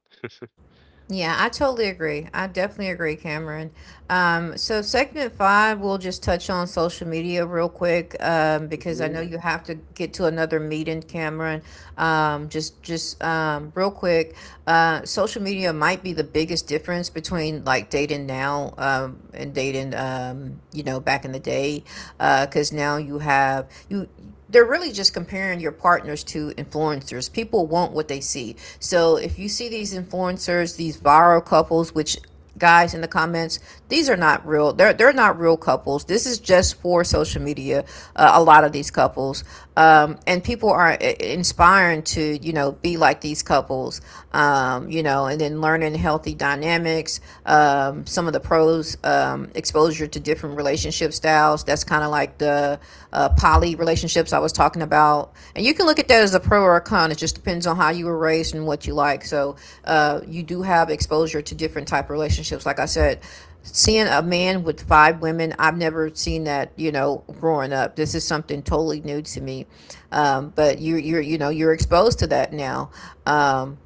[SPEAKER 1] Yeah, I totally agree. I definitely agree, Cameron. So segment five, we'll just touch on social media real quick, because I know you have to get to another meeting, Cameron. Just Real quick, social media might be the biggest difference between like dating now, and dating, you know, back in the day, because now you have you. They're really just comparing your partners to influencers. People want what they see. So if you see these influencers, these viral couples, which, guys in the comments, these are not real. They're not real couples. This is just for social media. A lot of these couples, and people are inspiring to, you know, be like these couples, you know, and then learning healthy dynamics, some of the pros, exposure to different relationship styles. That's kind of like the, poly relationships I was talking about, and you can look at that as a pro or a con. It just depends on how you were raised and what you like. So, you do have exposure to different type of relationships, like I said, seeing a man with 5 women. I've never seen that, you know, growing up. This is something totally new to me. But you're you know, you're exposed to that now. um,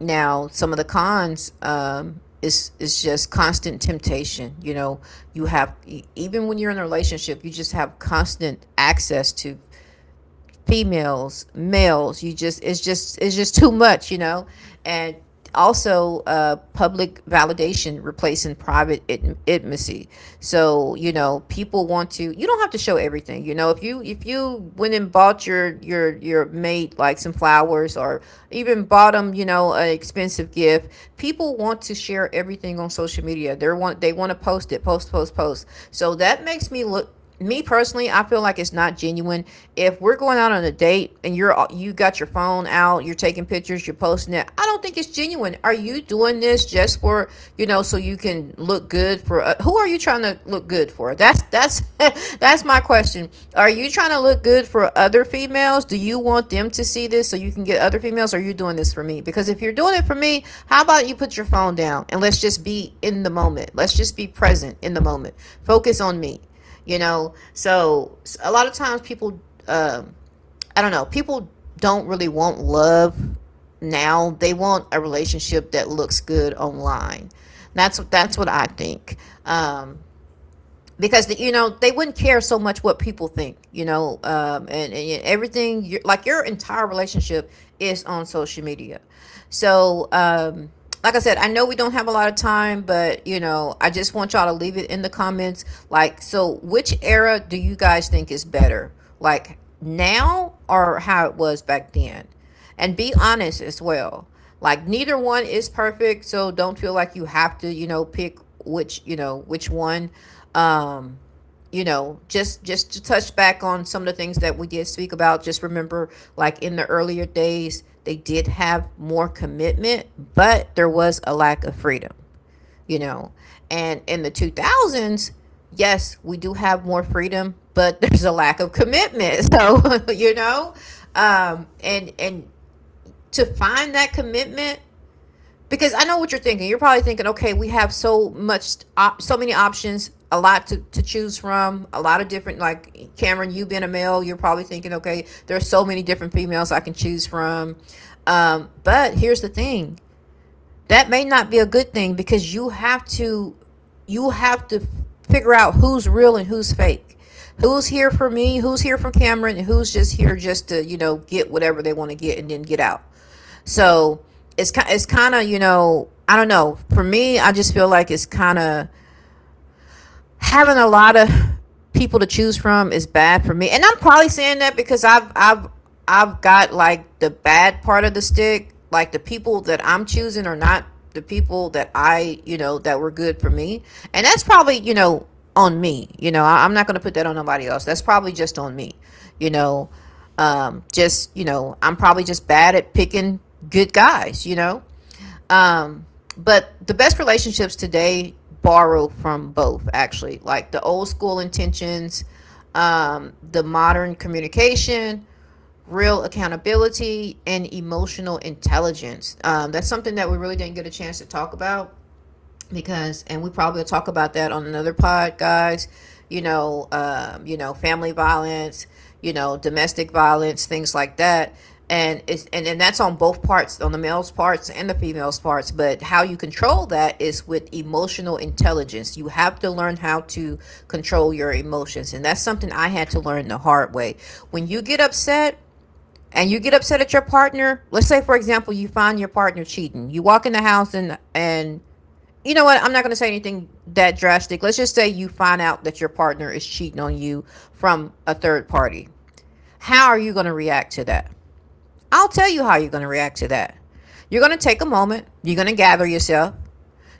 [SPEAKER 1] Now some of the cons, is just constant temptation, you know. You have even when you're in a relationship, you just have constant access to females, males. You just it's just too much, you know. And also, public validation replacing private intimacy. So, you know, people want to. You don't have to show everything. You know, if you went and bought your mate like some flowers, or even bought them, you know, an expensive gift. People want to share everything on social media. They want to post it, post, post, post. So that makes me look, me personally, I feel like it's not genuine. If we're going out on a date and you got your phone out, you're taking pictures, you're posting it, I don't think it's genuine. Are you doing this just for, you know, so you can look good for, who are you trying to look good for? That's that's my question. Are you trying to look good for other females? Do you want them to see this so you can get other females? Or are you doing this for me? Because if you're doing it for me, how about you put your phone down and let's just be in the moment. Let's just be present in the moment. Focus on me, you know. So a lot of times people, um I don't know people don't really want love now, they want a relationship that looks good online. That's what I think. um because you know, they wouldn't care so much what people think, you know. And everything, you like, your entire relationship is on social media. So, like I said, I know we don't have a lot of time, but, you know, I just want y'all to leave it in the comments, like, so which era do you guys think is better, like now or how it was back then, and be honest as well. Like neither one is perfect, so don't feel like you have to, you know, pick which, you know, which one. Um, you know, just to touch back on some of the things that we did speak about. Just remember, like in the earlier days, they did have more commitment, but there was a lack of freedom. You know, and in the 2000s, yes, we do have more freedom, but there's a lack of commitment. So you know, and to find that commitment, because I know what you're thinking. You're probably thinking, okay, we have so much, so many options, a lot to choose from, a lot of different, like Cameron, you being a male, you're probably thinking, okay, there's so many different females I can choose from. But here's the thing, that may not be a good thing, because you have to figure out who's real and who's fake, who's here for me, who's here for Cameron, and who's just here just to, you know, get whatever they want to get and then get out. So it's kind of, you know, I don't know, for me, I just feel like it's kind of, having a lot of people to choose from is bad for me. And I'm probably saying that because I've got like the bad part of the stick. Like the people that I'm choosing are not the people that I, you know, that were good for me. And that's probably, you know, on me. I'm not gonna put that on nobody else. That's probably just on me. You know, just, you know, I'm probably just bad at picking good guys. You know, um, but the best relationships today borrow from both, actually, like the old school intentions, the modern communication, real accountability, and emotional intelligence. That's something that we really didn't get a chance to talk about, because, and we probably will talk about that on another pod, guys, you know. You know, family violence, you know, domestic violence, things like that. And that's on both parts, on the male's parts and the female's parts. But how you control that is with emotional intelligence. You have to learn how to control your emotions, and that's something I had to learn the hard way. When you get upset, and you get upset at your partner, let's say, for example, you find your partner cheating, you walk in the house, and you know what? I'm not going to say anything that drastic. Let's just say you find out that your partner is cheating on you from a third party. How are you going to react to that? I'll tell you how you're going to react to that. You're going to take a moment, you're going to gather yourself,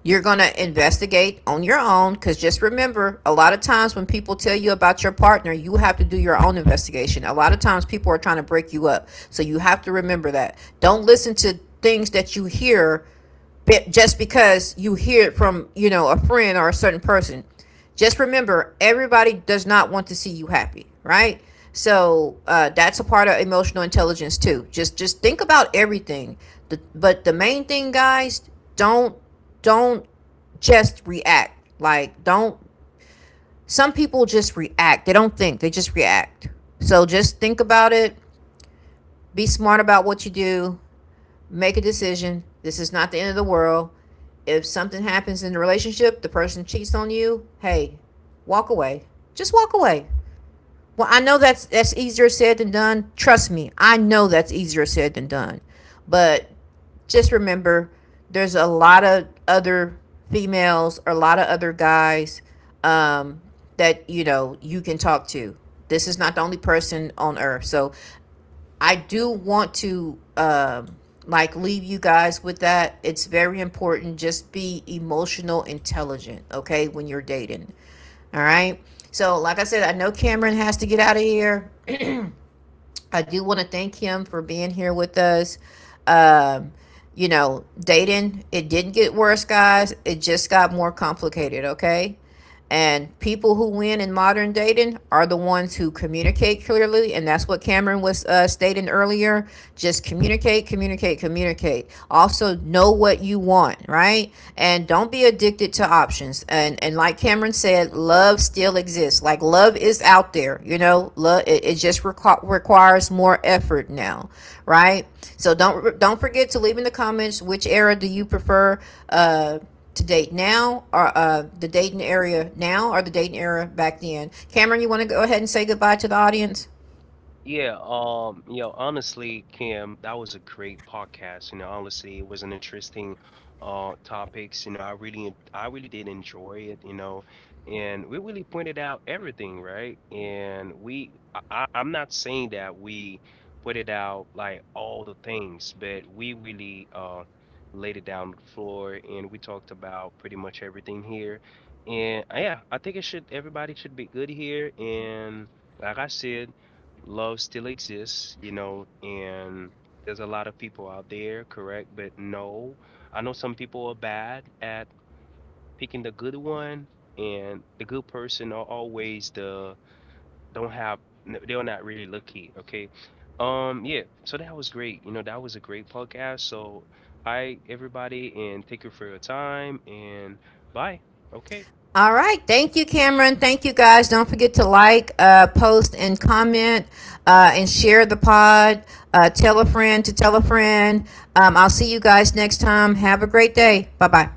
[SPEAKER 1] you're going to investigate on your own, because just remember, a lot of times when people tell you about your partner, you have to do your own investigation. A lot of times people are trying to break you up, so you have to remember that. Don't listen to things that you hear just because you hear it from, you know, a friend or a certain person. Just remember, everybody does not want to see you happy, right? So, that's a part of emotional intelligence too. Just think about everything. But the main thing, guys, don't don't just react. Like, don't. Some people just react. They don't think. They just react. So just think about it. Be smart about what you do. Make a decision. This is not the end of the world. If something happens in the relationship, the person cheats on you, hey, walk away. Just walk away. Well, I know that's easier said than done. Trust me, I know that's easier said than done. But just remember, there's a lot of other females or a lot of other guys, um, that, you know, you can talk to. This is not the only person on earth. So I do want to, like, leave you guys with that. It's very important. Just be emotional intelligent, okay, when you're dating. All right. So, like I said, I know Cameron has to get out of here. I do want to thank him for being here with us. Um, you know, dating, it didn't get worse, guys. It just got more complicated, okay? And people who win in modern dating are the ones who communicate clearly. And that's what Cameron was stating earlier. Just communicate, communicate, communicate. Also, know what you want, right? And don't be addicted to options. And like Cameron said, love still exists. Like, love is out there, you know, love, it just requires more effort now, right? So don't forget to leave in the comments which era do you prefer, uh, to date now, or the dating area now or the dating era back then. Cameron, you want to go ahead and say goodbye to the audience?
[SPEAKER 2] Yeah, you know, honestly, Kim, that was a great podcast. You know, honestly, it was an interesting topics. You know, I really did enjoy it, you know, and we really pointed out everything, right? And we I- I'm not saying that we pointed out like all the things, but we really laid it down on the floor and we talked about pretty much everything here. And yeah, I think it should, everybody should be good here, and like I said, love still exists, you know, and there's a lot of people out there, correct? But no, I know some people are bad at picking the good one, and the good person are always the, don't have, they're not really lucky, okay? Yeah, so that was great. You know, that was a great podcast. So, hi everybody, and thank you for your time, and bye. Okay.
[SPEAKER 1] All right. Thank you, Cameron. Thank you, guys. Don't forget to like, post, and comment, and share the pod. Tell a friend to tell a friend. I'll see you guys next time. Have a great day. Bye bye.